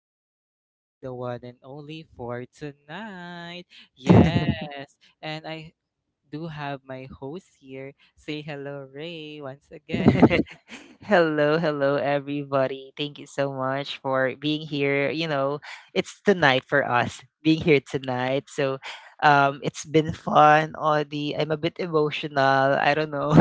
This is Odie, the one and only for tonight. Yes. And I do have my host here. Say hello, Ray, once again. Hello, hello, everybody. Thank you so much for being here. It's tonight for us being here tonight. So, it's been fun. All the I'm a bit emotional. I don't know.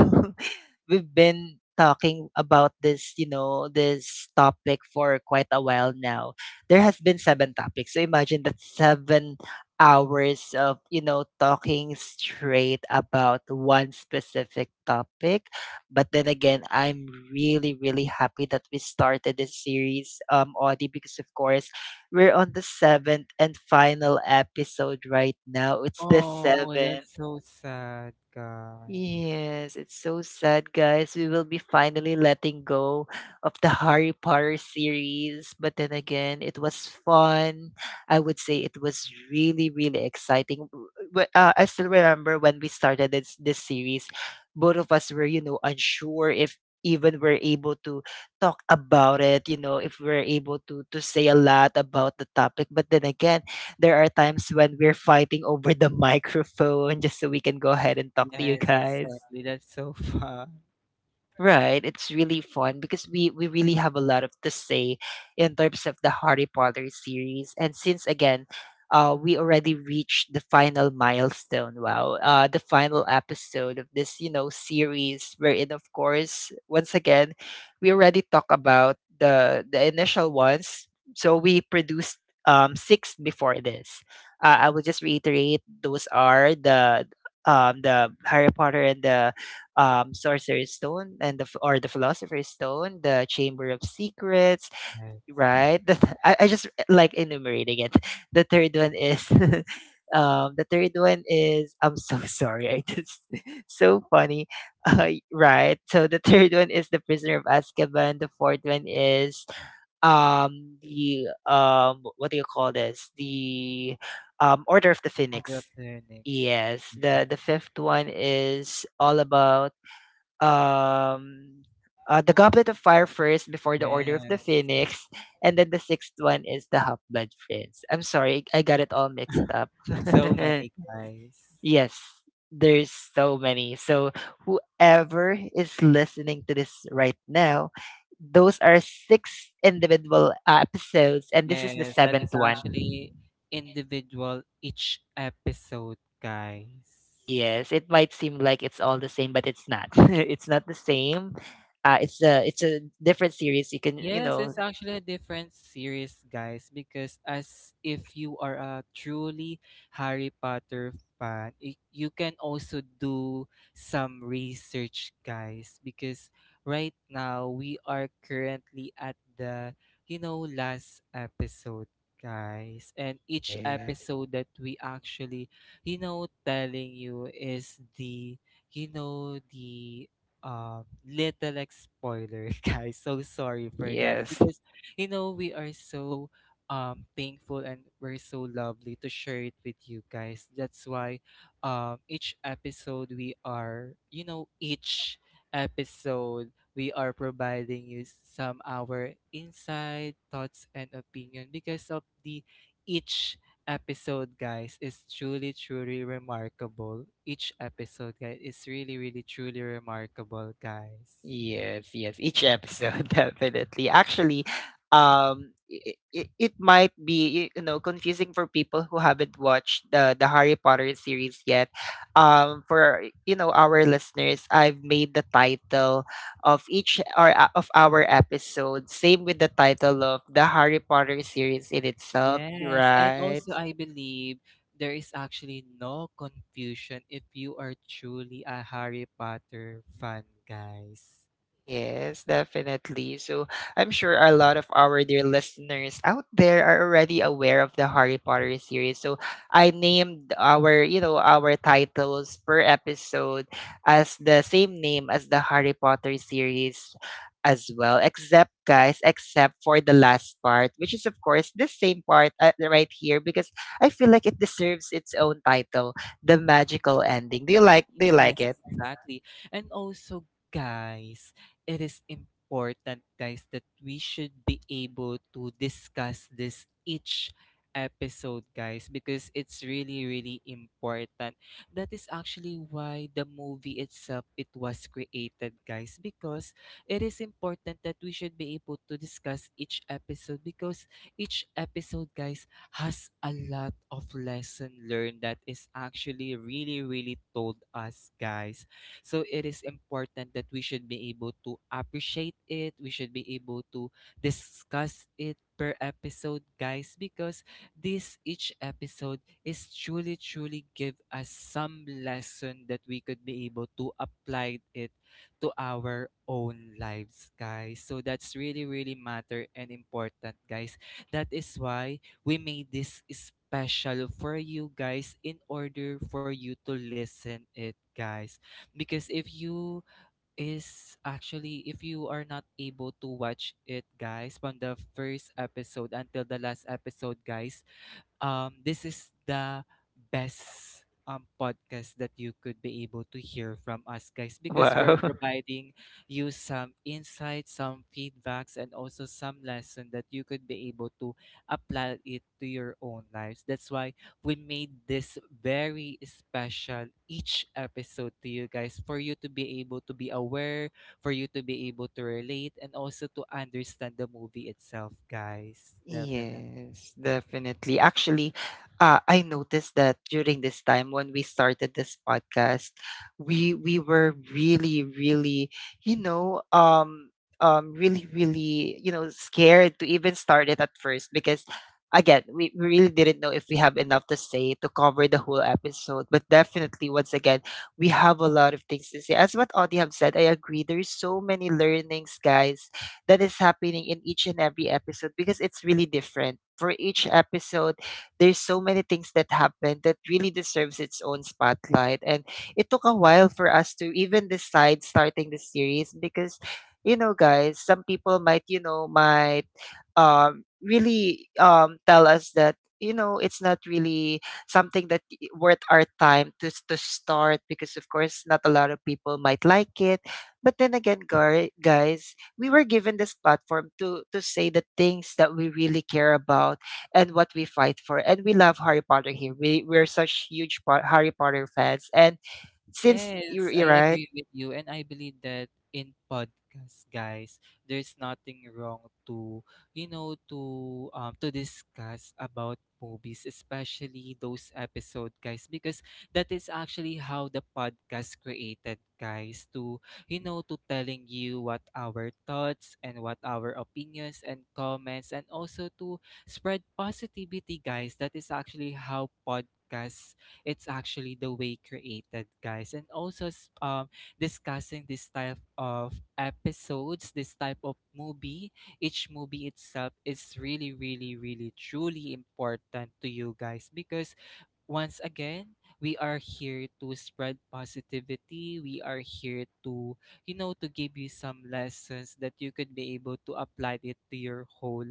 We've been talking about this, you know, this topic for quite a while now. There has been seven topics. So imagine that 7 hours of you know talking straight about one specific topic, but then again, I'm really, really happy that we started this series, Audie, because of course we're on the seventh and final episode right now. It's the Oh, seventh. that's so sad, guys. Yes, it's so sad, guys. We will be finally letting go of the Harry Potter series. But then again, it was fun. I would say it was really, really exciting. I still remember when we started this series, both of us were, you know, unsure if even we're able to talk about it, you know, if we're able to say a lot about the topic. But then again, there are times when we're fighting over the microphone just so we can go ahead and talk to you Yes, guys. exactly. That's so fun. Right. It's really fun because we really have a lot of to say in terms of the Harry Potter series. And since again, we already reached the final milestone. Wow. The final episode of this, you know, series wherein of course, once again, we already talk about the initial ones. So we produced six before this. I will just reiterate those are the Harry Potter and the Sorcerer's Stone and the or the Philosopher's Stone, the Chamber of Secrets, Yes. right? I just like enumerating it. The third one is the third one is I'm so sorry, I just so funny, right? So the third one is the Prisoner of Azkaban. The fourth one is the what do you call this? The Order of the Order of Phoenix. the Phoenix. Yes, the Yes. fifth one is all about um the Goblet of Fire first before the Order of the Yes. Phoenix, and then the sixth one is the Half Blood Prince. I'm sorry, I got it all mixed up. It's so many, guys. Yes, there's so many. So whoever is listening to this right now, those are six individual episodes, and this is the Yes, that is seventh one. actually individual each episode, guys. Yes, it might seem like it's all the same, but it's not. It's not the same. It's a it's a different series. You can you Yes, know. it's actually a different series, guys, because as if you are a truly Harry Potter fan, you can also do some research, guys, because right now we are currently at the, you know, last episode, guys. And each Yes, episode that we actually, you know, telling you is the, you know, the little like spoiler, guys. So sorry for that yes, because you know we are so thankful and we're so lovely to share it with you guys. That's why each episode we are you know each episode we are providing you some our insight, thoughts and opinion because of the each episode, guys, is truly, truly remarkable. Each episode, guys, is really, really, truly remarkable, guys. yes. Each episode, definitely. Actually, it might be you know confusing for people who haven't watched the Harry Potter series yet. For you know our listeners, I've made the title of each or of our episode same with the title of the Harry Potter series in itself, Yes, and right? also I believe there is actually no confusion if you are truly a Harry Potter fan, guys. Yes, definitely. So I'm sure a lot of our dear listeners out there are already aware of the Harry Potter series. So I named our, you know, our titles per episode as the same name as the Harry Potter series as well, except guys, except for the last part, which is of course the same part right here because I feel like it deserves its own title, the magical ending. Do you like Yes, it? exactly. And also, guys, it is important, guys, that we should be able to discuss this each episode, guys, because it's really, really important. That is actually why the movie itself it was created, guys, because it is important that we should be able to discuss each episode because each episode, guys, has a lot of lesson learned that is actually really really told us guys, so it is important that we should be able to appreciate it. We should be able to discuss it per episode, guys, because this each episode is truly truly give us some lesson that we could be able to apply it to our own lives, guys. So that's really really matter and important, guys. That is why we made this special for you guys in order for you to listen it, guys, because if you are not able to watch it, guys, from the first episode until the last episode, guys, this is the best podcast that you could be able to hear from us, guys, because we're Wow. providing you some insights, some feedbacks, and also some lesson that you could be able to apply it to your own lives. That's why we made this very special each episode to you guys for you to be able to be aware, for you to be able to relate, and also to understand the movie itself, guys. Definitely. Yes, definitely. Actually, I noticed that during this time when we started this podcast, we were really, really, you know, um, really, really, you know, scared to even start it at first because, again, we really didn't know if we have enough to say to cover the whole episode. But definitely, once again, we have a lot of things to say. As what Audie have said, I agree. There's so many learnings, guys, that is happening in each and every episode because it's really different. For each episode, there's so many things that happen that really deserves its own spotlight. And it took a while for us to even decide starting the series because, you know, guys, some people might, you know, might really tell us that, you know, it's not really something that worth our time to start because of course not a lot of people might like it, but then again, guys, we were given this platform to say the things that we really care about and what we fight for, and we love Harry Potter here. We're such huge Harry Potter fans, and since you're, Yes, you are I right. agree with you. And I believe that in podcasts, guys, there's nothing wrong to, you know, to discuss about movies, especially those episode, guys, because that is actually how the podcast created, guys, to, you know, to telling you what our thoughts and what our opinions and comments and also to spread positivity, guys. That is actually how podcasts it's actually the way created, guys. And also discussing this type of episodes, this type of movie, each movie itself is really, really, really truly important to you guys because once again, we are here to spread positivity. We are here to, you know, to give you some lessons that you could be able to apply it to your whole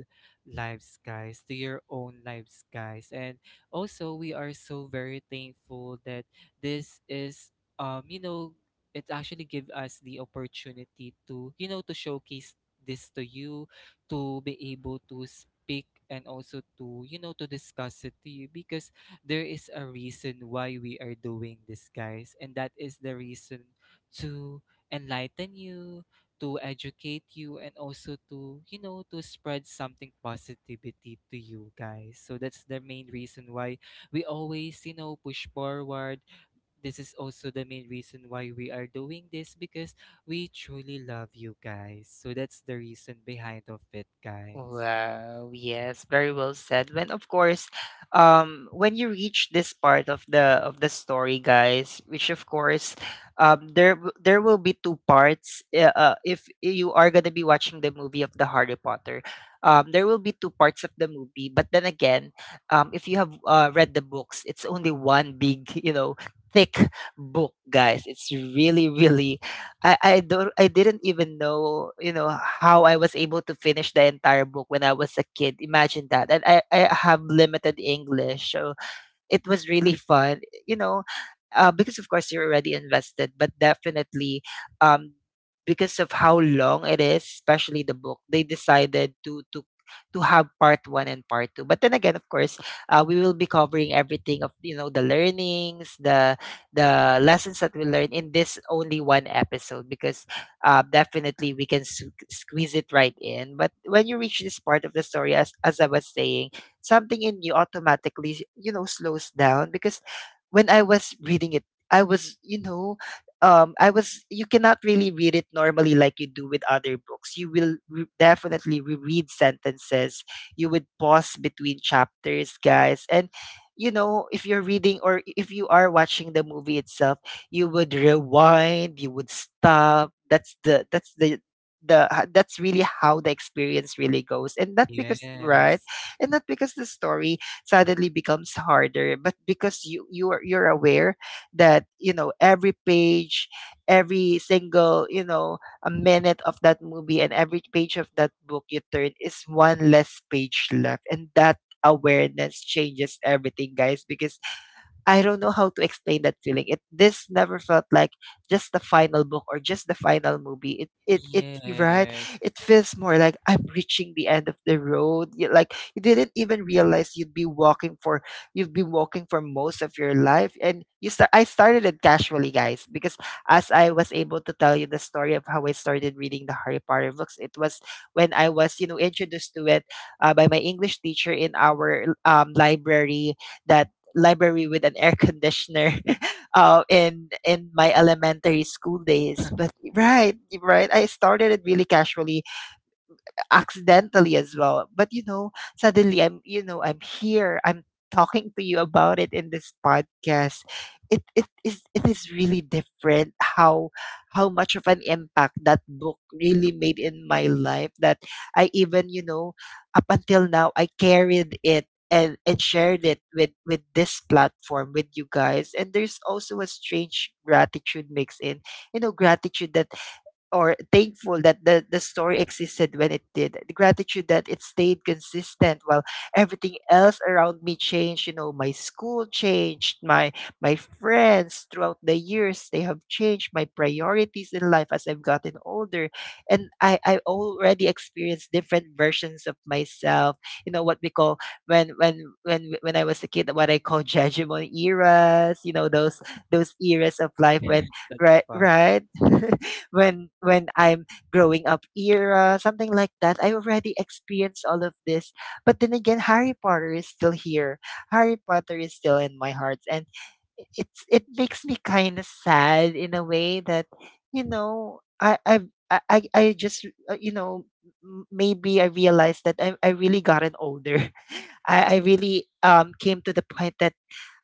lives, guys, to your own lives, guys. And also, we are so very thankful that this is, you know, it actually give us the opportunity to, you know, to showcase this to you, to be able to speak and also to, you know, to discuss it to you because there is a reason why we are doing this, guys. And that is the reason to enlighten you, to educate you, and also to, you know, to spread something positivity to you, guys. So that's the main reason why we always, you know, push forward. This is also the main reason why we are doing this because we truly love you guys. So that's the reason behind of it, guys. Wow, yes, very well said. When of course, when you reach this part of the story, guys, which of course, there will be two parts. If you are gonna be watching the movie of the Harry Potter, there will be two parts of the movie. But then again, if you have read the books, it's only one big, you know, thick book, guys. It's really, really. I don't, I didn't even know, you know, how I was able to finish the entire book when I was a kid. Imagine that. And I have limited English. So it was really fun, you know, because of course you're already invested, but definitely, um, because of how long it is, especially the book, they decided to have part one and part two. But then again, of course, we will be covering everything of you know the learnings, the lessons that we learn in this only one episode because definitely we can squeeze it right in. But when you reach this part of the story, as I was saying, something in you automatically you know slows down because when I was reading it, I was you know I was. You cannot really read it normally like you do with other books. You will definitely reread sentences. You would pause between chapters, guys, and you know if you're reading, or if you are watching the movie itself, you would rewind, you would stop. That's the, that's the, that's really how the experience really goes. And not because, right. Yes. And not because the story suddenly becomes harder, but because you are you're aware that you know every page, every single you know a minute of that movie and every page of that book you turn is one less page left. And that awareness changes everything, guys, because I don't know how to explain that feeling. It this never felt like just the final book or just the final movie. It you right. Yes. It feels more like I'm reaching the end of the road. You, like you didn't even realize you'd be walking for you've been walking for most of your life. And you start. I started it casually, guys, because as I was able to tell you the story of how I started reading the Harry Potter books, it was when I was you know introduced to it by my English teacher in our library, that library with an air conditioner in my elementary school days. But right, right, I started it really casually, accidentally as well. But you know, suddenly I'm you know, I'm here. I'm talking to you about it in this podcast. It it is really different how much of an impact that book really made in my life that I even, you know, up until now I carried it and shared it with this platform with you guys. And there's also a strange gratitude mix in you know gratitude that or thankful that the story existed when it did. The gratitude that it stayed consistent while everything else around me changed. You know, my school changed, my friends throughout the years they have changed, my priorities in life as I've gotten older. And I already experienced different versions of myself. You know what we call when when I was a kid, what I call judgment eras, you know, those eras of life when Yes, that's right, fun. right. When I'm growing up era, something like that. I already experienced all of this. But then again, Harry Potter is still here. Harry Potter is still in my heart. And it's it makes me kind of sad in a way that, you know, I I've, I just you know maybe I realized that I really gotten older. I really came to the point that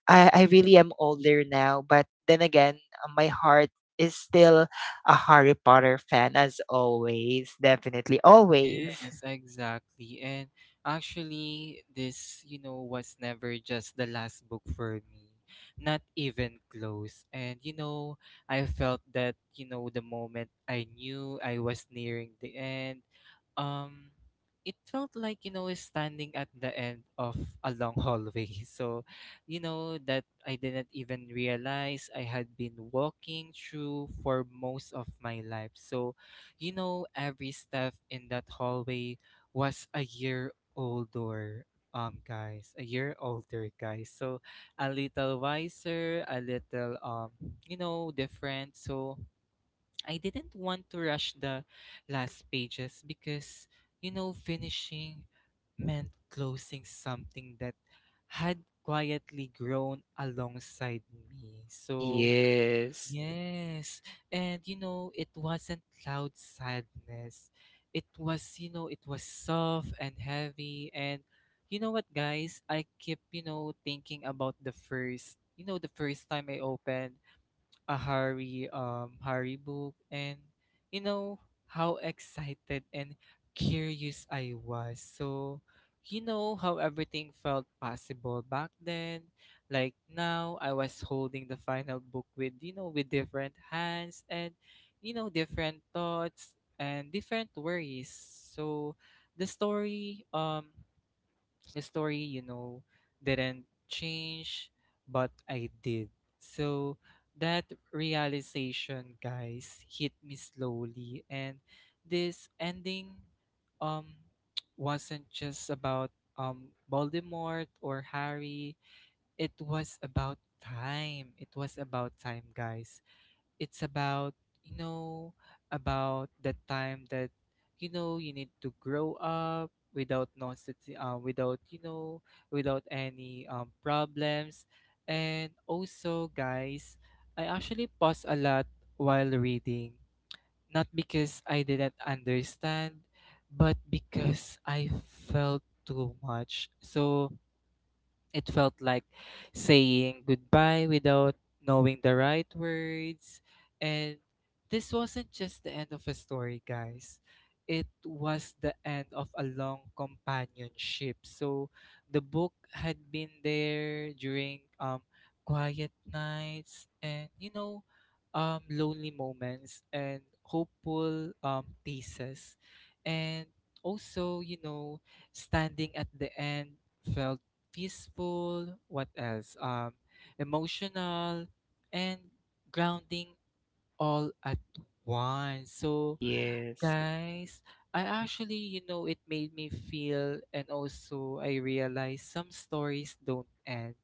I really am older now, but then again, my heart is still a Harry Potter fan as always. Definitely, always. Yes, exactly. And actually, this, you know, was never just the last book for me. Not even close. And, you know, I felt that, you know, the moment I knew I was nearing the end, um, it felt like, you know, standing at the end of a long hallway. So, you know, that I didn't even realize I had been walking through for most of my life. So, you know, every step in that hallway was a year older, guys, a year older, guys. So a little wiser, a little, you know, different. So I didn't want to rush the last pages because, you know, finishing meant closing something that had quietly grown alongside me. So, Yes, yes. And you know, it wasn't loud sadness. It was, you know, it was soft and heavy. And you know what, guys? I keep, you know, thinking about the first, you know, the first time I opened a Harry book and you know how excited and curious I was. So you know how everything felt possible back then. Like now I was holding the final book with you know with different hands and you know different thoughts and different worries. So the story um the story, you know, didn't change, but I did. So that realization, guys, hit me slowly. And this ending um wasn't just about Voldemort or Harry. It was about time. It was about time, guys. It's about, you know, about the time that you know you need to grow up without nonsense, without you know without any problems. And also guys, I actually paused a lot while reading, not because I didn't understand, but because I felt too much. So it felt like saying goodbye without knowing the right words. And this wasn't just the end of a story, guys. It was the end of a long companionship. So the book had been there during quiet nights and you know lonely moments and hopeful pieces, and also you know standing at the end felt peaceful, what else? Emotional and grounding all at once. So, yes, guys, I actually, you know, it made me feel, and also I realized some stories don't end.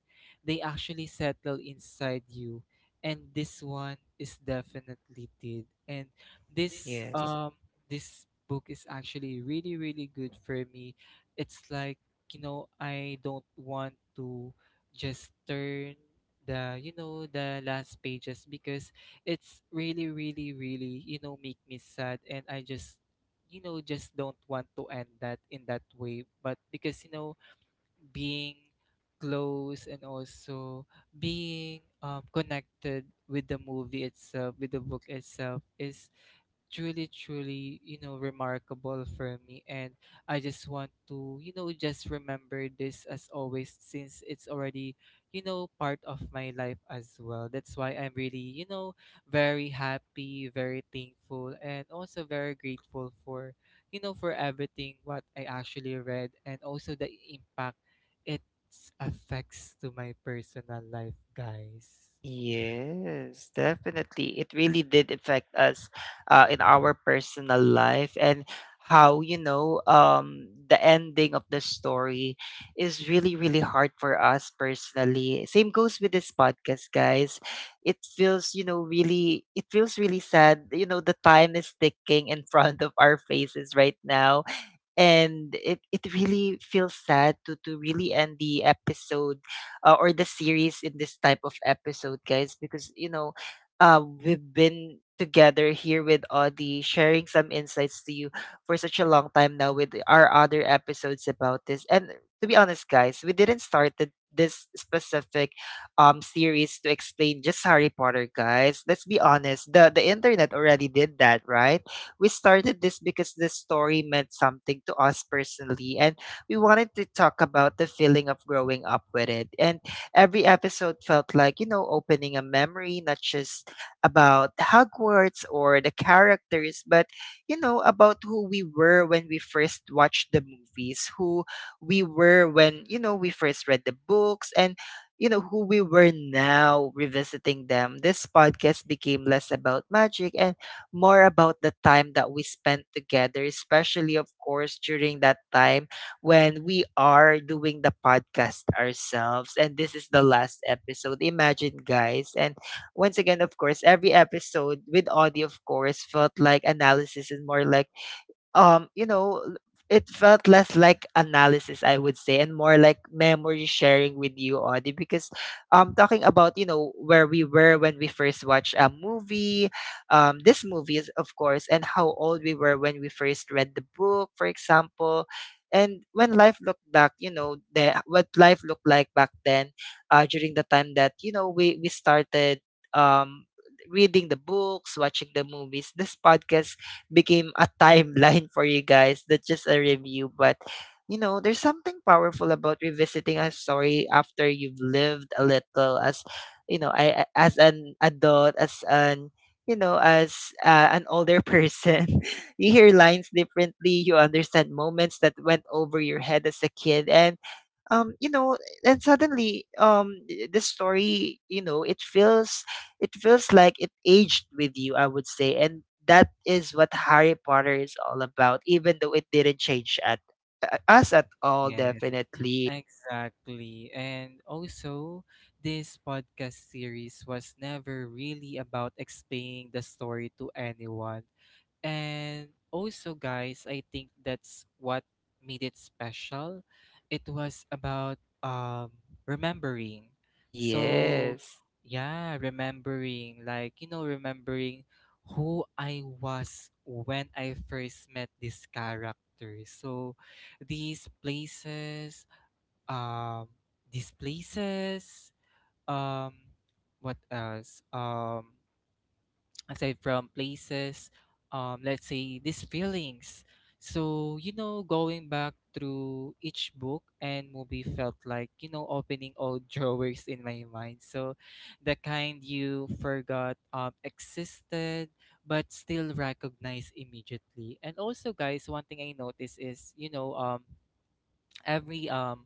They actually settle inside you. And this one is definitely did. And this yes. um this book is actually really, really good for me. It's like, you know, I don't want to just turn the you know the last pages because it's really really really you know make me sad and I just you know just don't want to end that in that way. But because you know being close and also being connected with the movie itself with the book itself is truly truly you know remarkable for me. And I just want to you know just remember this as always since it's already you know part of my life as well. That's why I'm really you know very happy, very thankful and also very grateful for you know for everything what I actually read and also the impact it affects to my personal life, guys. Yes, definitely. It really did affect us in our personal life and how, the ending of the story is really, really hard for us personally. Same goes with this podcast, guys. It feels, really, it feels really sad. You know, the time is ticking in front of our faces right now and it really feels sad to really end the episode or the series in this type of episode, guys, because you know, we've been together here with Audie sharing some insights to you for such a long time now with our other episodes about this. And to be honest, guys, we didn't start this specific series to explain just Harry Potter, guys. Let's be honest, the internet already did that, right? We started this because the story meant something to us personally, and we wanted to talk about the feeling of growing up with it. And every episode felt like, you know, opening a memory, not just about Hogwarts or the characters, but, you know, about who we were when we first watched the movies, who we were when, you know, we first read the books, and, you know, who we were now revisiting them. This podcast became less about magic and more about the time that we spent together, especially, of course, during that time when we are doing the podcast ourselves. And this is the last episode. Imagine, guys. And once again, of course, every episode with audio, of course, felt like analysis and more like um you know l- it felt less like analysis, I would say, and more like memory sharing with you, Audie, because talking about, you know, where we were when we first watched a movie, this movie is, of course, and how old we were when we first read the book, for example, and when life looked back, you know, the what life looked like back then, during the time that, you know, we started um reading the books, watching the movies. This podcast became a timeline for you, guys. That's just a review. But you know, there's something powerful about revisiting a story after you've lived a little as, as an adult, as an, you know as an older person. You hear lines differently, you understand moments that went over your head as a kid, and um you know and suddenly this story, you know, it feels, it feels like it aged with you, I would say. And that is what Harry Potter is all about, even though it didn't change at us at all. Yes, Definitely. exactly. And also, this podcast series was never really about explaining the story to anyone. And also, guys, I think that's what made it special. It was about remembering. So, Yes. yeah, remembering like, you know, remembering who I was when I first met this character. So, these places um these places um what else aside from places, let's say these feelings. So you know going back through each book and movie felt like you know opening old drawers in my mind. So the kind you forgot existed but still recognize immediately. And also guys, one thing I noticed is you know every um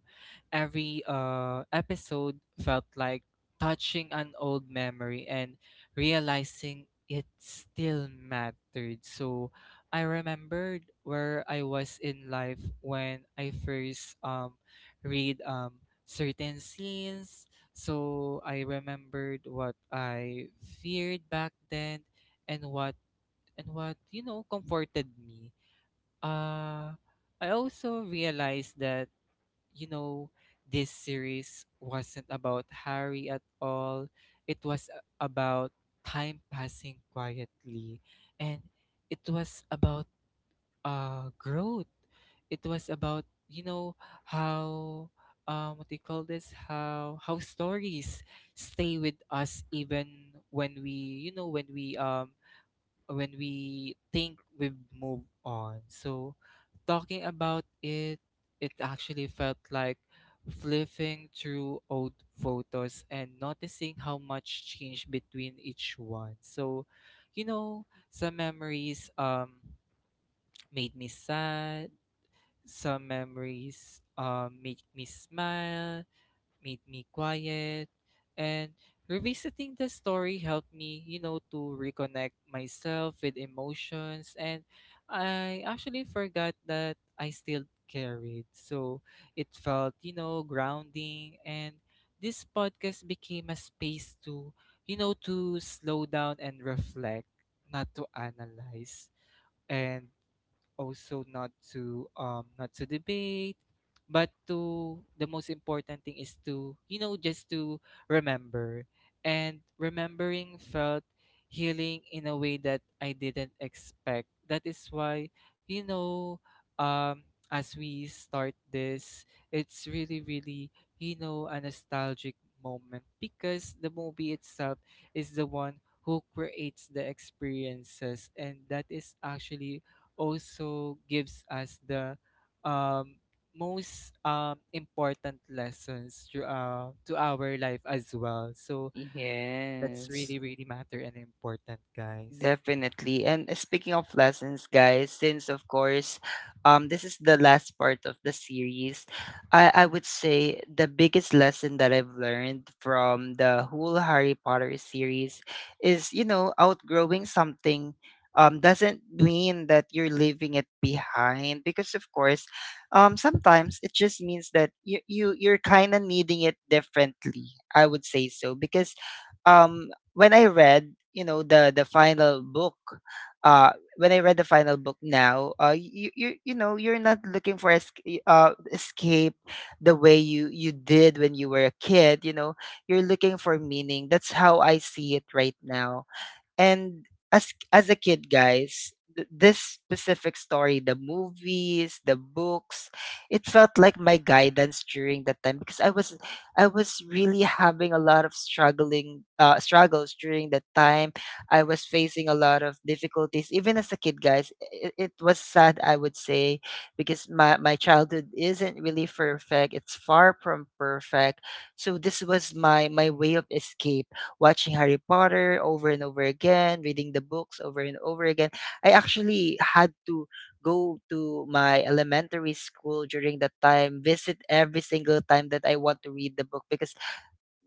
every episode felt like touching an old memory and realizing it still mattered. So I remembered where I was in life when I first read certain scenes. So I remembered what I feared back then and what you know comforted me. uh I also realized that you know, this series wasn't about Harry at all. It was about time passing quietly. And it was about growth. It was about, you know, how, what do you call this? How stories stay with us even when we, you know, when we think we've moved on. So talking about it, it actually felt like flipping through old photos and noticing how much changed between each one. So, you know, some memories made me sad, some memories make me smile, made me quiet. And revisiting the story helped me, you know, to reconnect myself with emotions. And I actually forgot that I still carried. So it felt, you know, grounding. And this podcast became a space you know, to slow down and reflect, not to analyze. And also not to not to debate, but to the most important thing is to, you know, just to remember. And remembering felt healing in a way that I didn't expect. That is why, you know, um as we start this, it's really, really, you know, a nostalgic moment, because the movie itself is the one who creates the experiences, and that is actually also gives us the um, most important lessons to our life as well. So that's Yes. really, really matter and important, guys. Definitely. And speaking of lessons, guys, since of course, this is the last part of the series, I would say the biggest lesson that I've learned from the whole Harry Potter series is, you know, outgrowing something doesn't mean that you're leaving it behind, because of course, sometimes it just means that you, you're kinda needing it differently, I would say. So, because um, when I read, you know, the final book, uh, when I read the final book now, you know, you're not looking for escape the way you did when you were a kid. You know, you're looking for meaning. That's how I see it right now. And as a kid, guys, this specific story, the movies, the books, it felt like my guidance during that time because I was, I was really having a lot of struggling struggles during that time. I was facing a lot of difficulties even as a kid, guys. It was sad, I would say, because my childhood isn't really perfect. It's far from perfect. So this was my, my way of escape, watching Harry Potter over and over again, reading the books over and over again. I actually had to go to my elementary school during that time, visit every single time that I want to read the book, because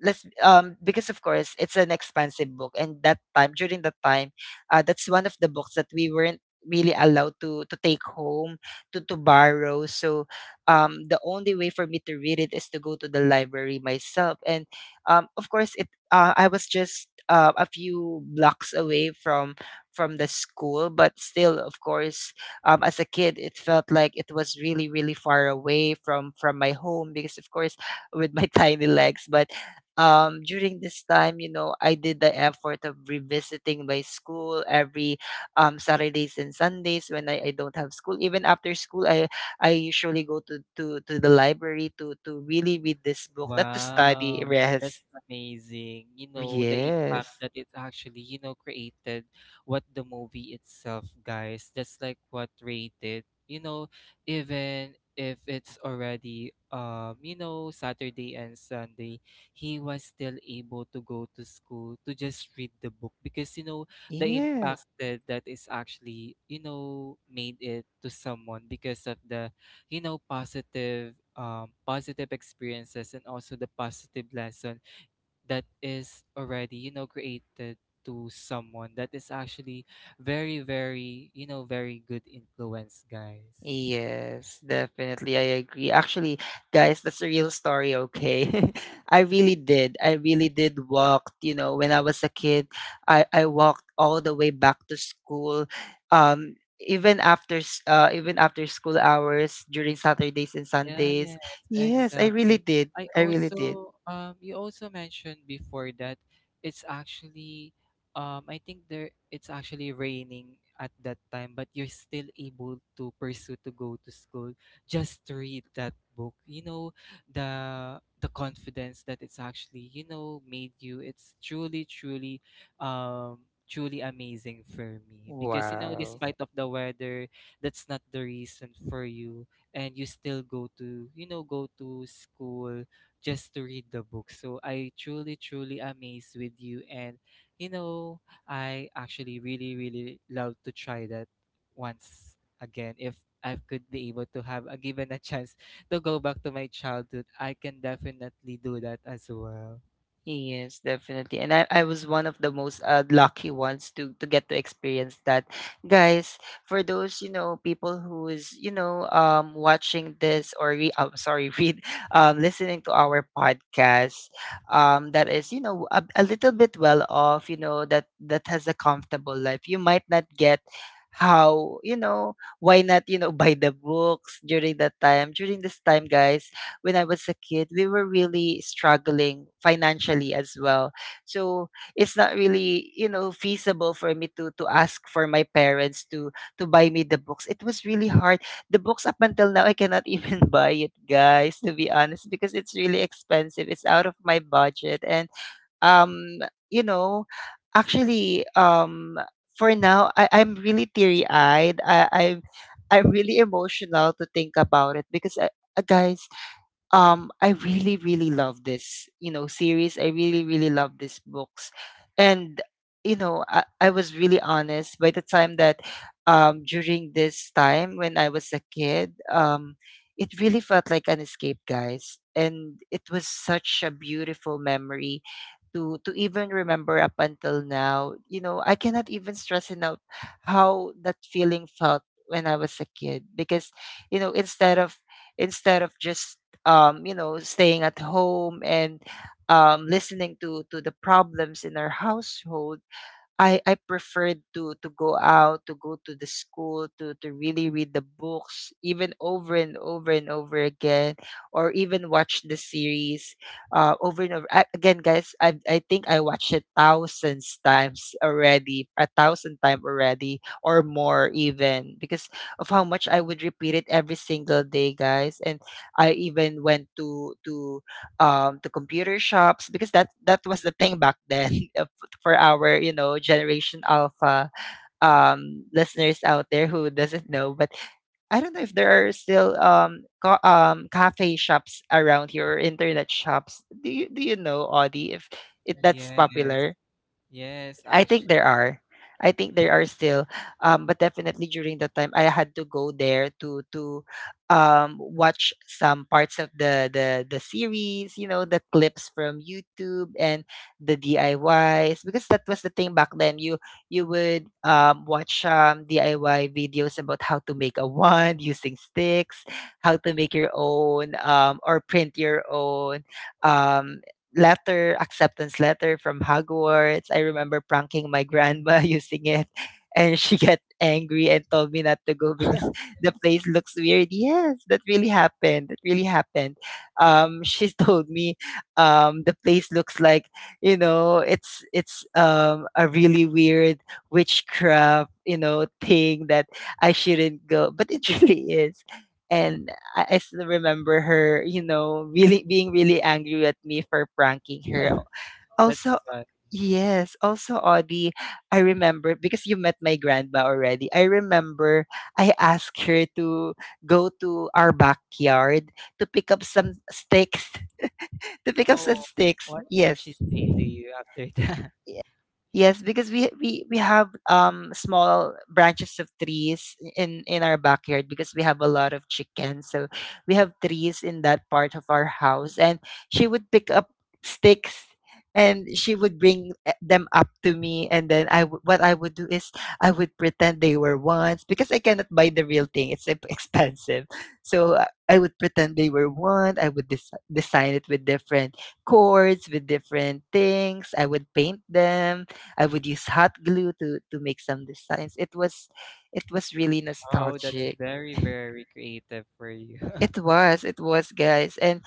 let's because of course it's an expensive book, and that time, during that time, that's one of the books that we weren't really allowed to take home, to borrow. So the only way for me to read it is to go to the library myself. And of course it I was just a few blocks away from the school, but still, of course, as a kid it felt like it was really, really far away from my home, because of course, with my tiny legs. But during this time, you know, I did the effort of revisiting my school every Saturdays and Sundays when I don't have school. Even after school, I usually go to the library to really read this book, not to study, Wow, that's rest. amazing. You know, the impact Yes. that it actually, you know, created what the movie itself, guys. That's like what rated, you know, even if it's already you know, Saturday and Sunday, he was still able to go to school to just read the book, because you know the impact Yes. that, that is actually, you know, made it to someone because of the, you know, positive positive experiences and also the positive lesson that is already, you know, created to someone, that is actually very, very, you know, very good influence, guys. Yes, definitely. I agree. Actually, guys, that's a real story, okay? I really did. I really did walk, you know, when I was a kid, I walked all the way back to school. Um, even after even after school hours during Saturdays and Sundays. Yes, Yes, I really exactly. did. I I really did. also you also mentioned before that it's actually I think there it's actually raining at that time, but you're still able to pursue to go to school just to read that book. You know, the confidence that it's actually, you know, made you. It's truly, truly, um truly amazing for me, because you know, Wow. despite of the weather, that's not the reason for you, and you still go to, you know, go to school just to read the book. So I truly, truly amazed with you. And you know, I actually really, really love to try that once again. If I could be able to have a given a chance to go back to my childhood, I can definitely do that as well. Yes, definitely. And I was one of the most lucky ones to get to experience that. Guys, for those, you know, people who is, you know, um, watching this or I'm sorry, read, um, listening to our podcast, um, that is, you know, a little bit well off, you know, that that has a comfortable life. You might not get how, you know, why not, you know, buy the books during that time, during this time, guys. When I was a kid, we were really struggling financially as well. So it's not really, you know, feasible for me to ask for my parents to buy me the books. It was really hard. The books up until now I cannot even buy it, guys, to be honest, because it's really expensive. It's out of my budget. And um, you know, actually, um, for now, I, I'm really teary eyed. I, I'm really emotional to think about it because guys, um, I really, really love this, you know, series. I really, really love these books. And you know, I was really honest by the time that um, during this time when I was a kid, um, it really felt like an escape, guys, and it was such a beautiful memory to even remember up until now. You know, I cannot even stress enough how that feeling felt when I was a kid, because you know, instead of, instead of just you know, staying at home and listening to the problems in our household, I preferred to go out, to go to the school, to really read the books, even over and over and over again, or even watch the series, over and over again, guys. I think I watched it thousands times already, a thousand time already, or more even, because of how much I would repeat it every single day, guys. And I even went to computer shops because that was the thing back then. For our, you know, generation alpha, um, listeners out there who doesn't know. But I don't know if there are still, um, cafe shops around here or internet shops. Do you, do you know, Audie, if that's Yes, popular? yes, I Ash. think there are. I think there are still, but definitely during the time I had to go there to watch some parts of the series, you know, the clips from YouTube and the DIYs, because that was the thing back then. You would watch DIY videos about how to make a wand using sticks, how to make your own or print your own um, letter, acceptance letter from Hogwarts. I remember pranking my grandma using it, and she got angry and told me not to go because the place looks weird. Yes, that really happened. That really happened. She told me the place looks like, you know, it's a really weird witchcraft, you know, thing that I shouldn't go, but it really is. And I still remember her, you know, really being really angry at me for pranking her. Also, That's fun. yes, also Audie, I remember because you met my grandma already. I remember I asked her to go to our backyard to pick up some sticks. To pick up some Oh, sticks. what did she Yes. say to you after that? Ye- Yes, because we have small branches of trees in our backyard because we have a lot of chickens. So we have trees in that part of our house, and she would pick up sticks, and she would bring them up to me, and then what I would do is I would pretend they were ones because I cannot buy the real thing. Expensive. So I would pretend they were one. I would design it with different cords, with different things. I would paint them. I would use hot glue to make some designs. It was really Oh, that's nostalgic. very, very creative for you. It was, guys. And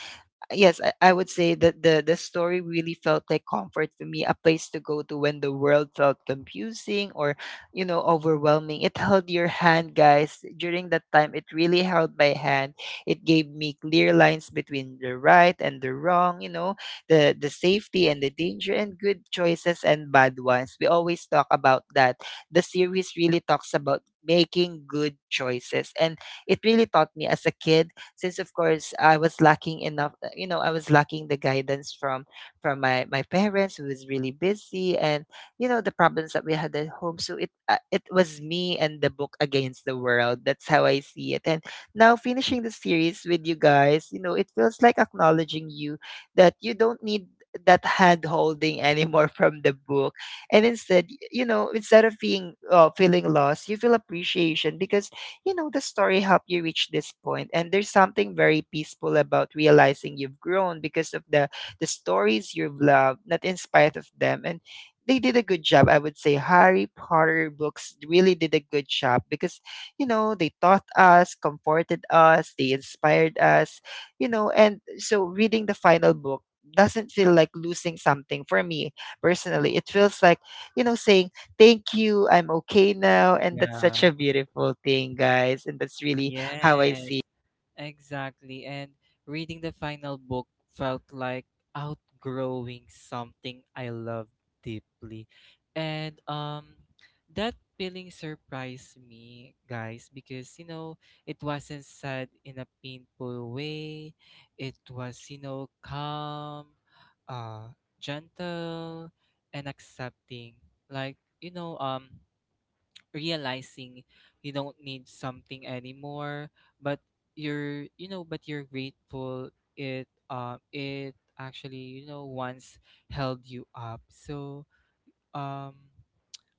yes, I would say that the story really felt like comfort for me, a place to go to when the world felt confusing or you know overwhelming. It held your hand, guys. During that time, it really held my hand. It gave me clear lines between the right and the wrong. You know, the safety and the danger, and good choices and bad ones. We always talk about that. The series really talks about making good choices, and it really taught me as a kid, since of course I was lacking enough, you know, I was lacking the guidance from my parents who was really busy, and you know the problems that we had at home, so it was me and the book against the world. That's how I see it. And now finishing the series with you guys, you know, it feels like acknowledging you, that you don't need that hand holding anymore from the book, and instead, you know, instead of being feeling lost, you feel appreciation, because you know, the story helped you reach this point. And there's something very peaceful about realizing you've grown because of the stories you've loved, not in spite of them. And they did a good job, I would say. Harry Potter books really did a good job because, you know, they taught us, comforted us, they inspired us, you know, and so reading the final book doesn't feel like losing something for me personally. It feels like, you know, saying, thank you, I'm okay now. And that's such Yeah. a beautiful thing, guys. And that's really how I Yes, see. exactly. And reading the final book felt like outgrowing something I love deeply. And that feeling surprised me, guys, because you know, it wasn't sad in a painful way. It was, you know, calm, gentle, and accepting. Like, you know, realizing you don't need something anymore, but you're grateful it it actually, you know, once held you up. So um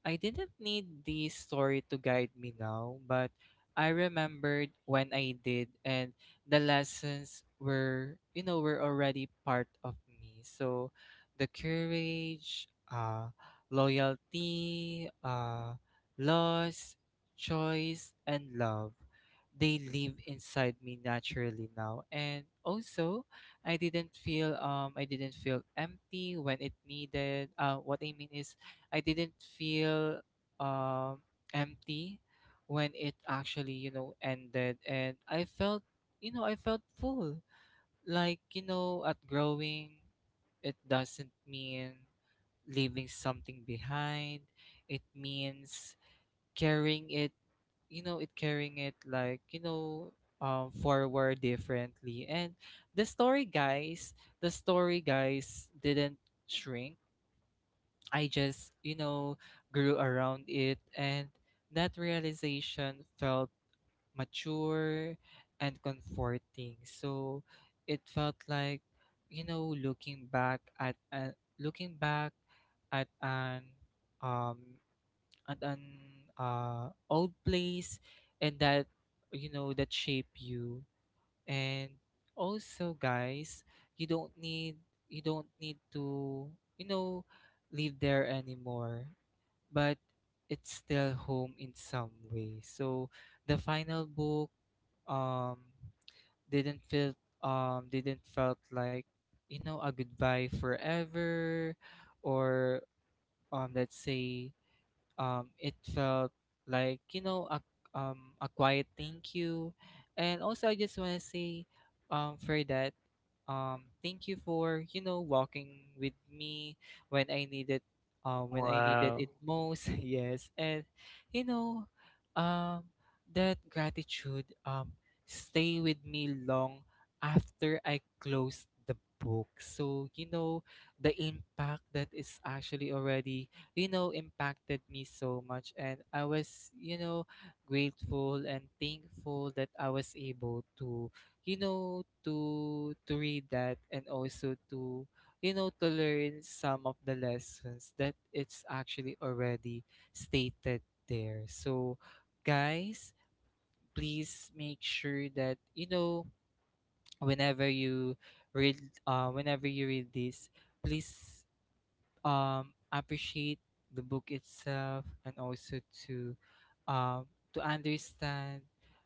I didn't need the story to guide me now, but I remembered when I did, and the lessons were, you know, were already part of me. So the courage, loyalty, loss, choice, and love, they live inside me naturally now. And also, I didn't feel empty when it needed. What I mean is I didn't feel um empty when it actually, you know, ended, and I felt, you know, I felt full. Like, you know, at growing, it doesn't mean leaving something behind. It means carrying it, you know, it carrying it, like, you know, forward differently. And the story, guys, the story, guys, didn't shrink. I just, you know, grew around it, and that realization felt mature and comforting. So it felt like, you know, looking back at an um at an old place, and that, you know, that shape you. And also guys, you don't need you don't need to, you know, live there anymore, but it's still home in some way. So the final book um didn't feel didn't felt like, you know, a goodbye forever, or let's say, it felt like, you know, a quiet thank you. And also I just want to say, for that, thank you for, you know, walking with me when I needed, when I needed Wow. it most. Yes, and you know, um, that gratitude stay with me long after I closed the book. So you know, the impact that is actually already, you know, impacted me so much. And I was, you know, grateful and thankful that I was able to, you know, to read that, and also to, you know, to learn some of the lessons that it's actually already stated there. So guys, please make sure that, you know, whenever you read, whenever you read this, please appreciate the book itself, and also to um, to understand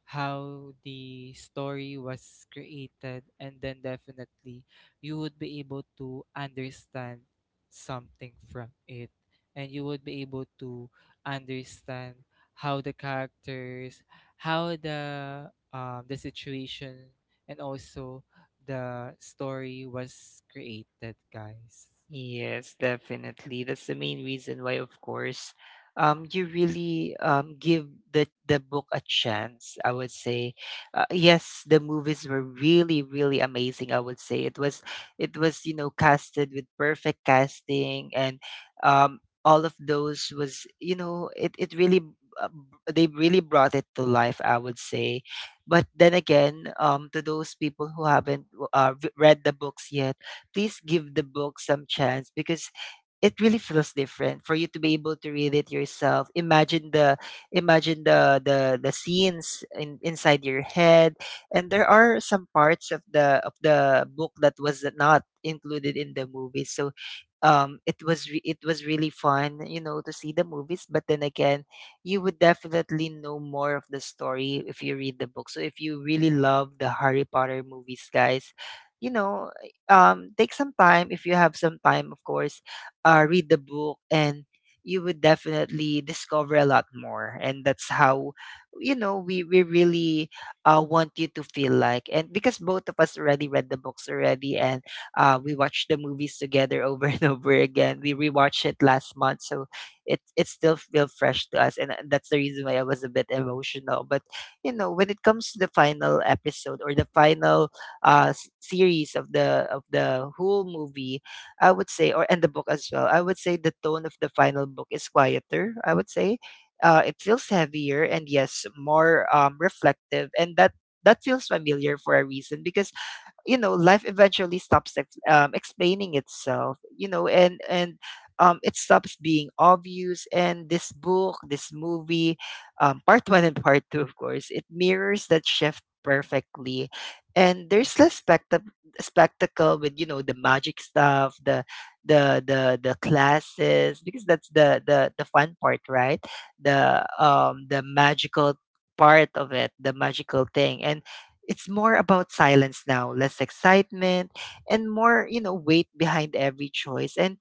how the story was created, and then definitely you would be able to understand something from it, and you would be able to understand how the characters, how the situation, and also the story was created, guys. Yes, definitely. That's the main reason why, of course, you really give the book a chance. I would say, yes, the movies were really, really amazing. I would say it was you know casted with perfect casting, and all of those was you know it really, they really brought it to life. I would say, but then again, to those people who haven't read the books yet, please give the book some chance, because it really feels different for you to be able to read it yourself. Imagine the, imagine the scenes in, inside your head. And there are some parts of the book that was not included in the movie, so it was it was really fun you know to see the movies, but then again, you would definitely know more of the story if you read the book. So if you really love the Harry Potter movies, guys, you know, take some time, if you have some time of course, read the book, and you would definitely discover a lot more. And that's how, you know, we really, want you to feel like. And because both of us already read the books already, and we watched the movies together over and over again. We rewatched it last month, so it still feels fresh to us. And that's the reason why I was a bit emotional. But you know, when it comes to the final episode, or the final, series of the whole movie, I would say, or and the book as well. I would say the tone of the final book is quieter. I would say, it feels heavier and yes, more reflective, and that that feels familiar for a reason, because you know life eventually stops explaining itself, you know, and it stops being obvious. And this book, this movie, part one and part two, of course, it mirrors that shift perfectly. And there's less spectac, spectacle with you know the magic stuff, the the classes, because that's the fun part, right? The the magical part of it, the magical thing. And it's more about silence now, less excitement, and more you know weight behind every choice. And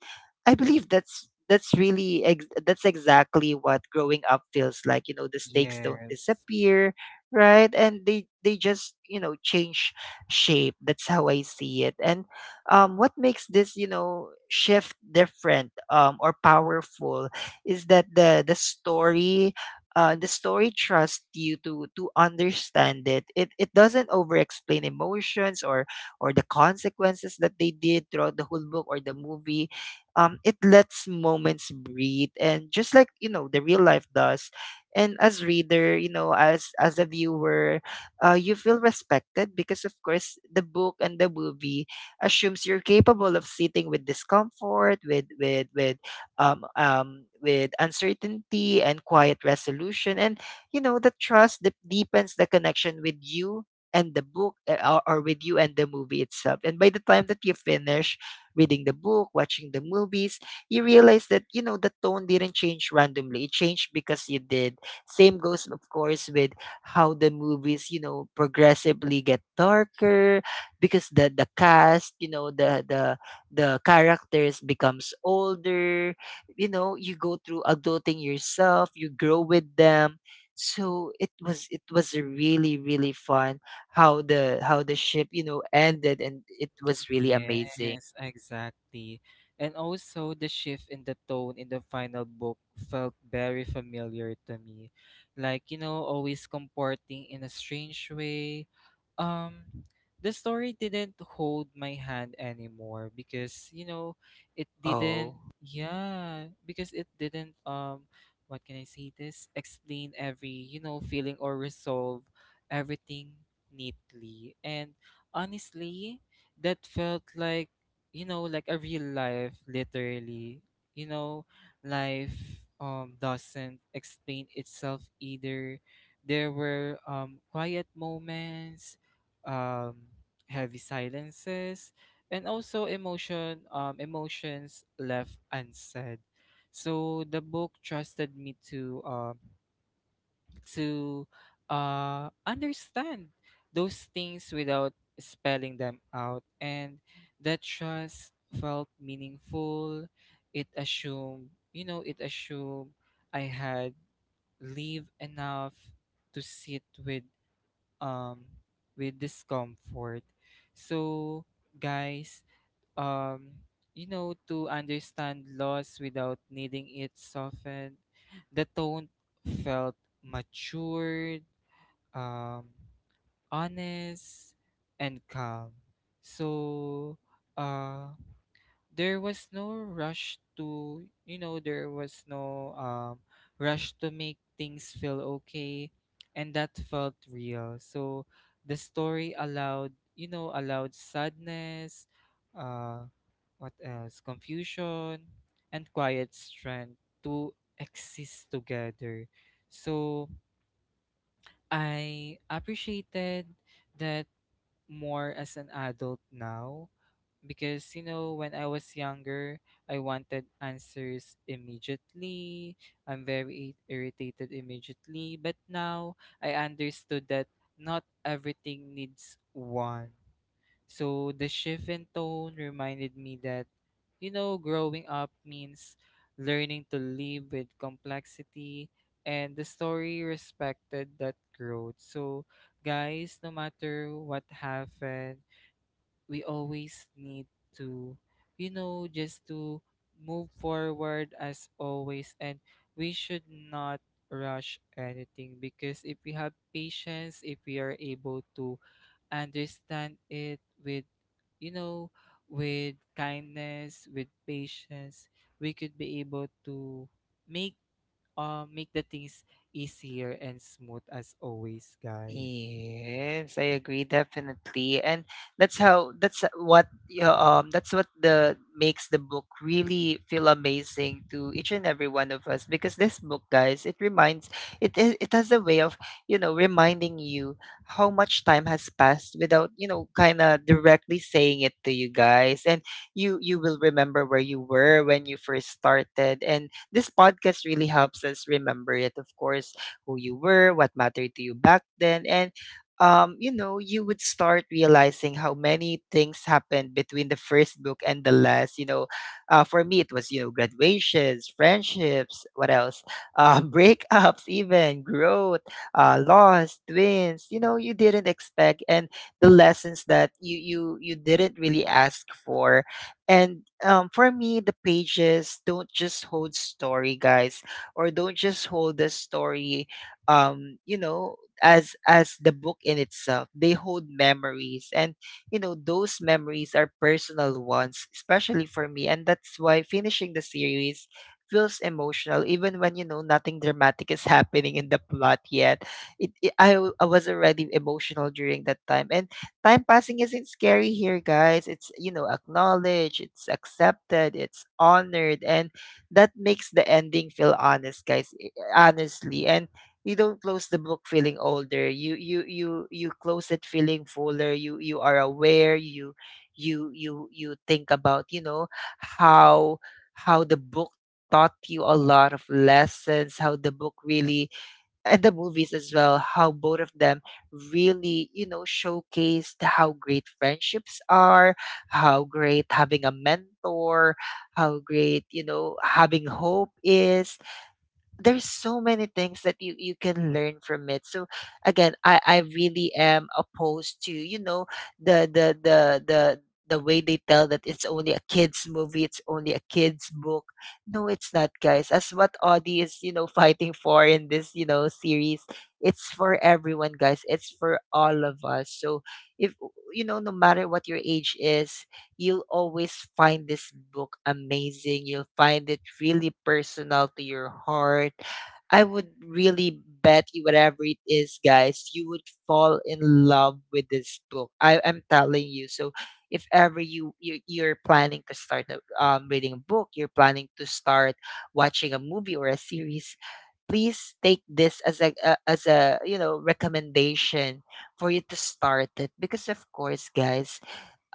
I believe that's really that's exactly what growing up feels like. You know, the stakes don't Yes. disappear, right? And they just you know change shape. That's how I see it. And what makes this you know shift different or powerful, is that the story, the story trusts you to understand it. It doesn't over explain emotions, or the consequences that they did throughout the whole book or the movie. It lets moments breathe, and just like you know the real life does. And as reader, you know, as a viewer, you feel respected, because of course the book and the movie assumes you're capable of sitting with discomfort, with with with uncertainty and quiet resolution. And, you know, the trust that deepens the connection with you and the book, or with you and the movie itself. And by the time that you finish reading the book, watching the movies, you realize that, you know, the tone didn't change randomly. It changed because you did. Same goes, of course, with how the movies, you know, progressively get darker, because the cast, you know, the the characters becomes older. You know, you go through adulting yourself, you grow with them. So it was, it was a really, really fun how the ship you know ended. And it was really amazing. Yes, exactly. And also the shift in the tone in the final book felt very familiar to me. Like, you know, always comporting in a strange way. Um the story didn't hold my hand anymore because, you know, it didn't, Oh. yeah, because it didn't what can I say this? Explain every, you know, feeling or resolve everything neatly. And honestly, that felt like, you know, like a real life. Literally, you know, life doesn't explain itself either. There were quiet moments, um heavy silences, and also emotions left unsaid. So the book trusted me to to understand those things without spelling them out. And that trust felt meaningful. It assumed, you know, it assumed I had leave enough to sit um with discomfort. So guys, um, you know, to understand loss without needing it softened. The tone felt matured, um, honest, and calm. So, uh, there was no rush to, you know, there was no rush to make things feel okay, and that felt real. So the story allowed, you know, allowed sadness, uh what else, confusion, and quiet strength to exist together. So I appreciated that more as an adult now, because you know, when I was younger, I wanted answers immediately. I'm very irritated immediately. But now I understood that not everything needs one. So the shift in tone reminded me that, you know, growing up means learning to live with complexity, and the story respected that growth. So guys, no matter what happened, we always need to, you know, just to move forward as always. And we should not rush anything, because if we have patience, if we are able to understand it with, you know, with kindness, with patience, we could be able to make, make the things easier and smooth as always, guys. Yes, I agree definitely. And that's how, that's what, yeah, that's what the makes the book really feel amazing to each and every one of us, because this book, guys, it reminds, it has a way of, you know, reminding you how much time has passed without, you know, kind of directly saying it to you, guys. And you will remember where you were when you first started, and this podcast really helps us remember it, of course, who you were, what mattered to you back then. And, you know, you would start realizing how many things happened between the first book and the last. You know, for me, it was, you know, graduations, friendships, what else? Breakups, even growth, loss, twins, you know, you didn't expect. And the lessons that you didn't really ask for. And for me, the pages don't just hold story, guys, or don't just hold the story, you know, as the book in itself, they hold memories. And you know those memories are personal ones, especially for me. And that's why finishing the series feels emotional even when you know nothing dramatic is happening in the plot yet. It I was already emotional during that time. And time passing isn't scary here, guys. It's you know acknowledged, it's accepted, it's honored, and that makes the ending feel honest, guys, honestly. And you don't close the book feeling older, you close it feeling fuller. You are aware, you you think about you know how how the book taught you a lot of lessons, how the book really, and the movies as well, how both of them really you know showcased how great friendships are, how great having a mentor, how great you know having hope is. There's so many things that you can learn from it. So again, I really am opposed to you know the the the the the way they tell that it's only a kids movie, it's only a kids book. No, it's not, guys. As what Audie is you know fighting for in this you know series, it's for everyone, guys. It's for all of us. So if, you know, no matter what your age is, you'll always find this book amazing. You'll find it really personal to your heart. I would really bet you, whatever it is, guys, you would fall in love with this book. I'm telling you. So if ever you're planning to start reading a book, you're planning to start watching a movie or a series, please take this as a recommendation for you to start it because of course, guys,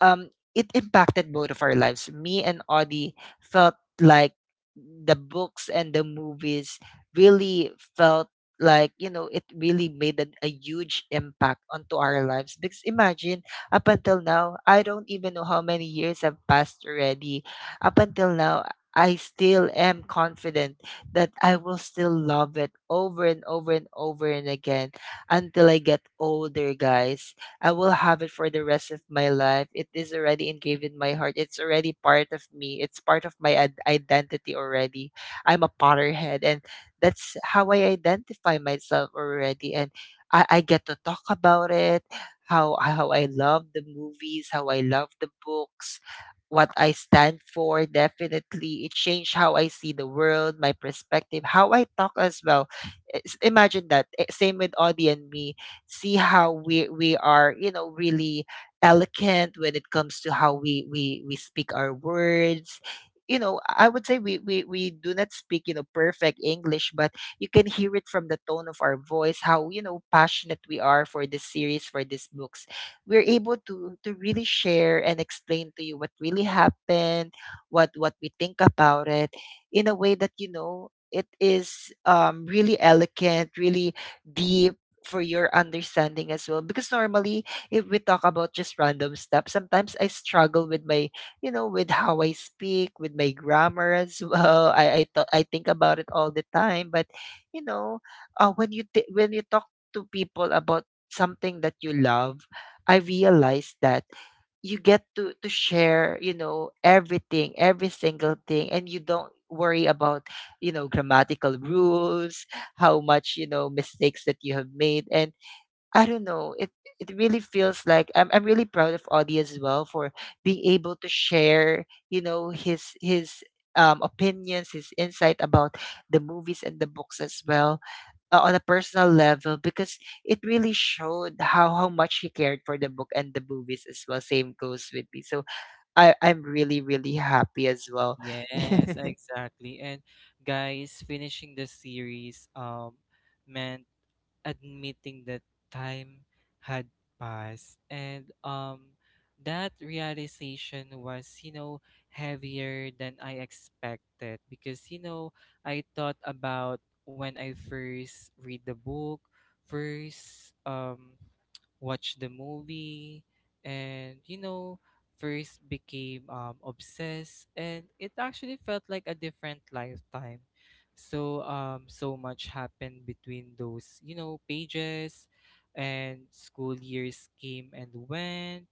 um, it impacted both of our lives. Me and Audie felt like the books and the movies really felt like it really made a huge impact onto our lives. Because imagine, up until now, I don't even know how many years have passed already. Up until now, I still am confident that I will still love it over and over and over and again until I get older, guys. I will have it for the rest of my life. It is already engraved in my heart. It's already part of me. It's part of my identity already. I'm a Potterhead, and that's how I identify myself already. And I get to talk about it, how I love the movies, how I love the books, what I stand for. Definitely, it changed how I see the world, my perspective, how I talk as well. Imagine that. Same with Audie and me. See how we are, you know, really eloquent when it comes to how we speak our words. You know, I would say we do not speak, you know, perfect English, but you can hear it from the tone of our voice how, you know, passionate we are for this series, for these books. We're able to really share and explain to you what really happened, what we think about it in a way that, you know, it is, really elegant, really deep for your understanding as well. Because normally, if we talk about just random stuff, sometimes I struggle with my, you know, with how I speak, with my grammar as well. I think about it all the time, but you know, when you when you talk to people about something that you love, I realize that you get to share, you know, everything, every single thing, and you don't worry about, you know, grammatical rules, how much, you know, mistakes that you have made. And I don't know, it really feels like I'm really proud of Audie as well for being able to share, you know, his opinions, his insight about the movies and the books as well, on a personal level, because it really showed how much he cared for the book and the movies as well. Same goes with me. So I'm really, really happy as well. Yes, exactly. And guys, finishing the series meant admitting that time had passed. And that realization was, you know, heavier than I expected, because you know, I thought about when I first read the book, first watch the movie, and you know, first became obsessed, and it actually felt like a different lifetime. So so much happened between those, you know, pages. And school years came and went,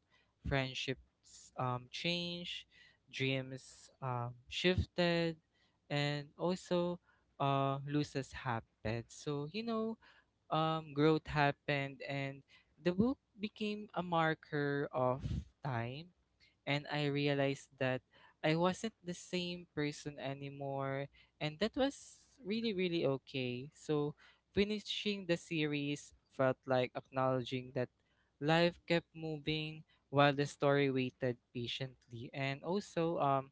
friendships changed, dreams shifted, and also losses happened. So you know, growth happened, and the book became a marker of time. And I realized that I wasn't the same person anymore, and that was really, really okay. So, finishing the series felt like acknowledging that life kept moving while the story waited patiently. And also,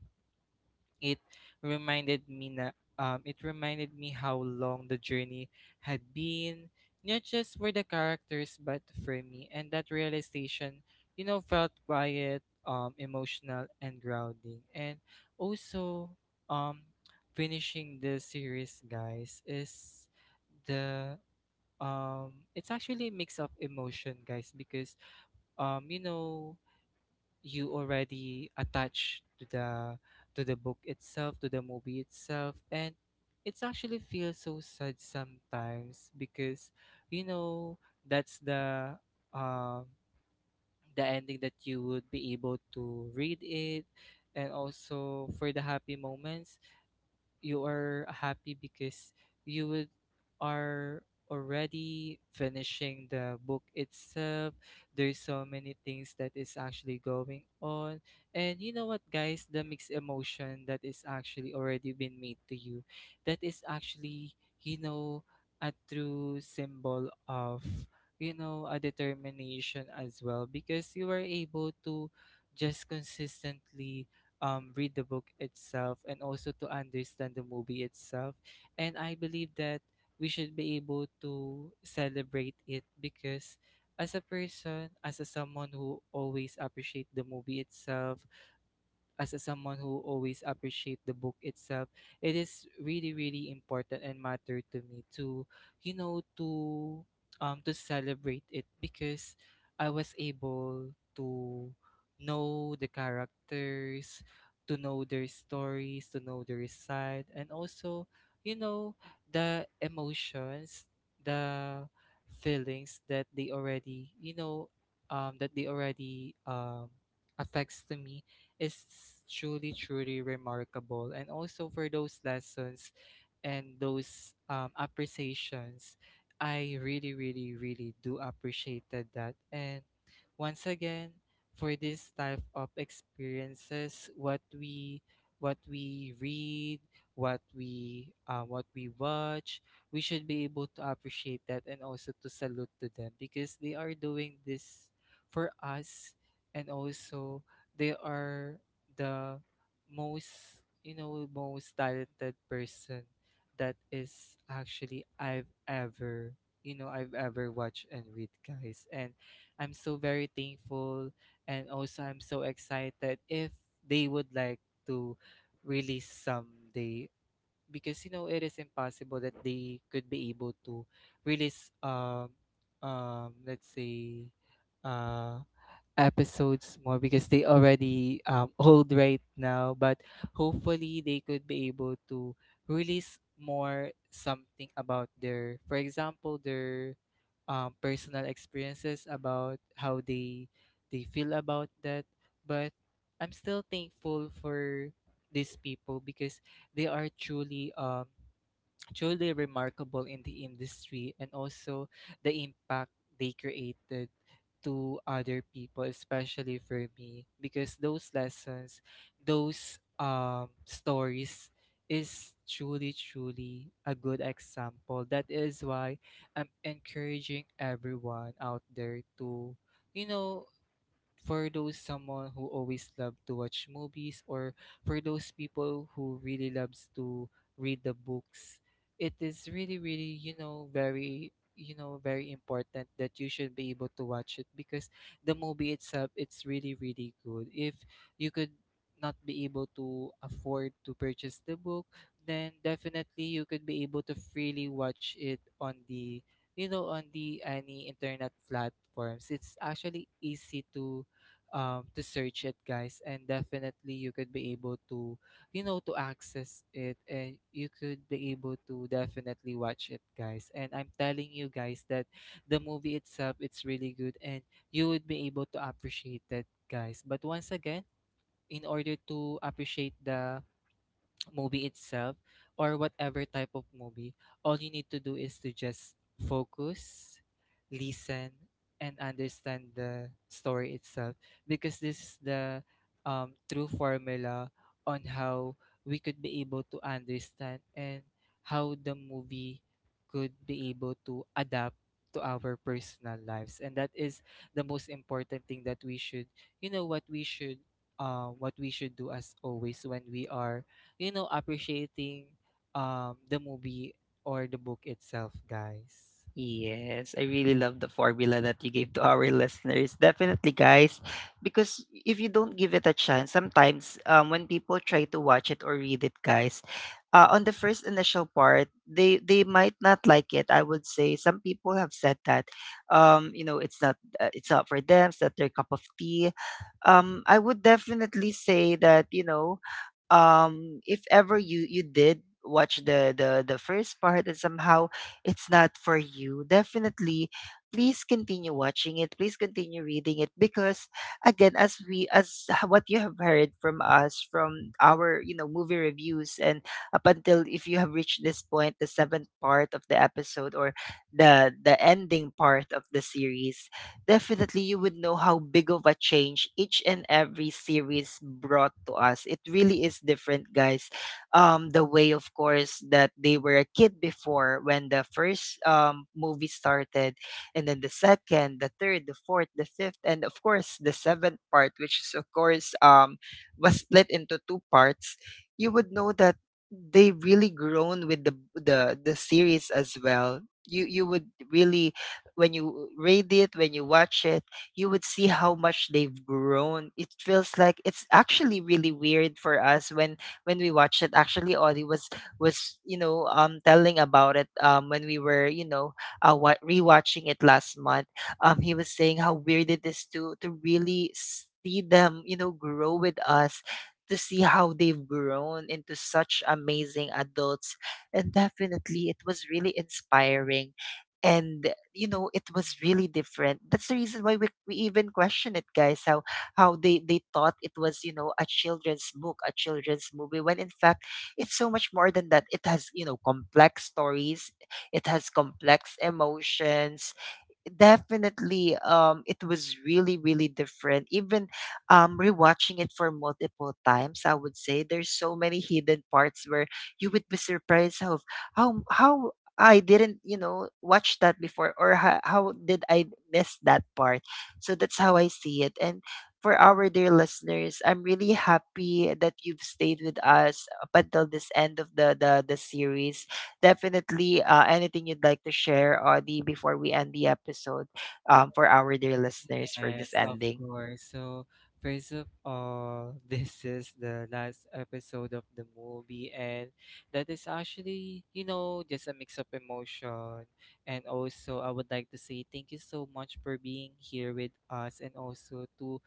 it reminded me na it reminded me how long the journey had been, not just for the characters but for me. And that realization, you know, felt quiet, emotional, and grounding. And also, um, finishing the series, guys, is the it's actually a mix of emotion, guys, because you know, you already attached to the book itself, to the movie itself. And it's actually feels so sad sometimes, because you know, that's um the ending that you would be able to read it. And also for the happy moments, you are happy because you would are already finishing the book itself. There's so many things that is actually going on. And you know what, guys, the mixed emotion that is actually already been made to you, that is actually, you know, a true symbol of, you know, a determination as well, because you were able to just consistently read the book itself, and also to understand the movie itself. And I believe that we should be able to celebrate it, because as a person, as a someone who always appreciate the movie itself, as a, someone who always appreciate the book itself, it is really, really important and matter to me to, you know, to celebrate it, because I was able to know the characters, to know their stories, to know their side, and also, you know, the emotions, the feelings that they already, you know, that they already affects to me is truly, truly remarkable. And also for those lessons and those appreciations, I really really really do appreciated that. And once again, for this type of experiences, what we read, what we watch, we should be able to appreciate that, and also to salute to them because they are doing this for us. And also, they are the most, most talented person that is actually I've ever, I've ever watched and read, guys. And I'm so very thankful, and also I'm so excited if they would like to release someday, because you know it is impossible that they could be able to release, let's say, uh episodes more, because they already, old right now. But hopefully they could be able to release more something about their, for example, their personal experiences about how they feel about that. But I'm still thankful for these people, because they are truly, truly remarkable in the industry, and also the impact they created to other people, especially for me, because those lessons, those stories is truly truly a good example. That is why I'm encouraging everyone out there to, you know for those someone who always love to watch movies, or for those people who really loves to read the books, it is really really, very, very important that you should be able to watch it. Because the movie itself, it's really really good. If you could not be able to afford to purchase the book, then definitely you could be able to freely watch it on the, on the any internet platforms. It's actually easy to search it, guys. And definitely, you could be able to, to access it, and you could be able to definitely watch it, guys. And I'm telling you, guys, that the movie itself, it's really good, and you would be able to appreciate it, guys. But once again, in order to appreciate the movie itself, or whatever type of movie, all you need to do is to just focus, listen, and understand the story itself, because this is the true formula on how we could be able to understand, and how the movie could be able to adapt to our personal lives. And that is the most important thing that we should, you know what we should what we should do as always when we are, appreciating the movie or the book itself, guys. Yes, I really love the formula that you gave to our listeners. Definitely, guys, because if you don't give it a chance, sometimes, when people try to watch it or read it, guys, on the first initial part, they might not like it. I would say some people have said that, you know, it's not for them. It's not their cup of tea. I would definitely say that, you know, if ever you did watch the first part and somehow it's not for you, definitely, please continue watching it. Please continue reading it. Because again, as we what you have heard from us, from our, you know, movie reviews, and up until, if you have reached this point, the seventh part of the episode or the ending part of the series, definitely you would know how big of a change each and every series brought to us. It really is different, guys, the way, of course, that they were a kid before when the first movie started, and then the second, the third, the fourth, the fifth, and of course the seventh part, which is of course, was split into two parts. You would know that they really grown with the series as well. You would really, when you read it, when you watch it, you would see how much they've grown. It feels like it's actually really weird for us when we watched it. Actually, Audie was, you know, telling about it when we were, you know, what rewatching it last month. He was saying how weird it is to really see them, you know, grow with us, to see how they've grown into such amazing adults. And definitely it was really inspiring, and you know, it was really different. That's the reason why we even question it, guys, how how they thought it was, you know, a children's book, a children's movie, when in fact it's so much more than that. It has, you know, complex stories, it has complex emotions. Definitely, it was really, really different. Even rewatching it for multiple times, I would say there's so many hidden parts where you would be surprised how, how I didn't, you know, watch that before. Or how did I miss that part? So that's how I see it. And for our dear listeners, I'm really happy that you've stayed with us up until this end of the series. Definitely, anything you'd like to share, Audie, before we end the episode, for our dear listeners for this Yes, of ending? course. So, first of all, this is the last episode of the movie, and that is actually, you know, just a mix of emotion. And also, I would like to say thank you so much for being here with us, and also to,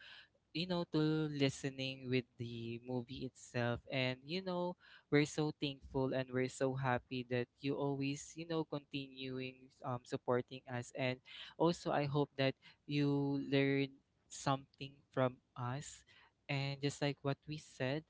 to listening with the movie itself. And we're so thankful, and we're so happy that you always, continuing supporting us. And also I hope that you learn something from us, and just like what we said,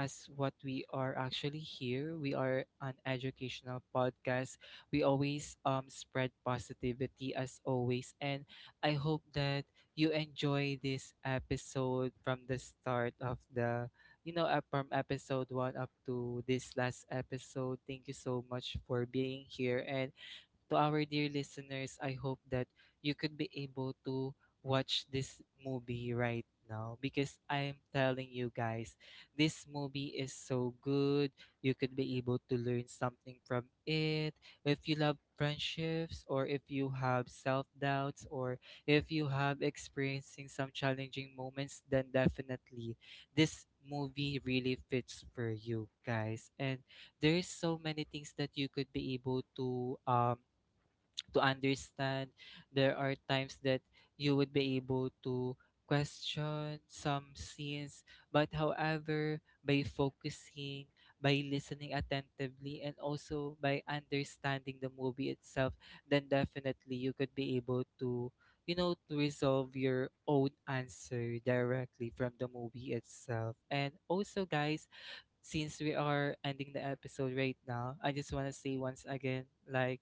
as what we are actually here, we are an educational podcast. We always spread positivity as always. And I hope that you enjoy this episode from the start of the, from episode one up to this last episode. Thank you so much for being here. And to our dear listeners, I hope that you could be able to watch this movie right now, because I am telling you, guys, this movie is so good. You could be able to learn something from it. If you love friendships, or if you have self-doubts, or if you have experiencing some challenging moments, then definitely this movie really fits for you, guys. And there is so many things that you could be able to understand. There are times that you would be able to question some scenes, but however, by focusing, by listening attentively, and also by understanding the movie itself, then definitely you could be able to, to resolve your own answer directly from the movie itself. And also, guys, since we are ending the episode right now, I just want to say once again, like,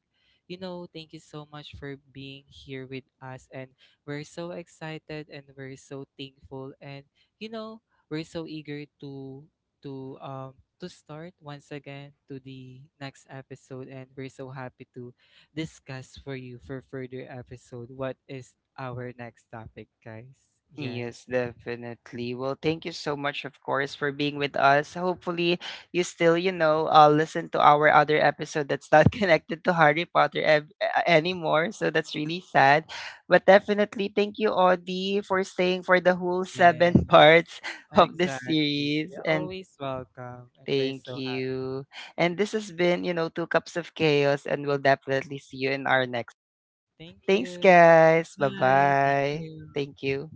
you know, thank you so much for being here with us. And we're so excited and we're so thankful. And, you know, we're so eager to, to start once again to the next episode. And we're so happy to discuss for you for further episode what is our next topic, guys. Yes. Yes, definitely. Well, thank you so much, of course, for being with us. Hopefully, you still, you know, listen to our other episode that's not connected to Harry Potter anymore. So that's really sad. But definitely, thank you, Audie, for staying for the whole seven Yes. parts of this Exactly. series. You're And always welcome, and we're thank so happy. you. And this has been, you know, Two Cups of Chaos, and we'll definitely see you in our next. Thank Thanks, you. guys. Bye Bye. Thank bye. you. Thank you.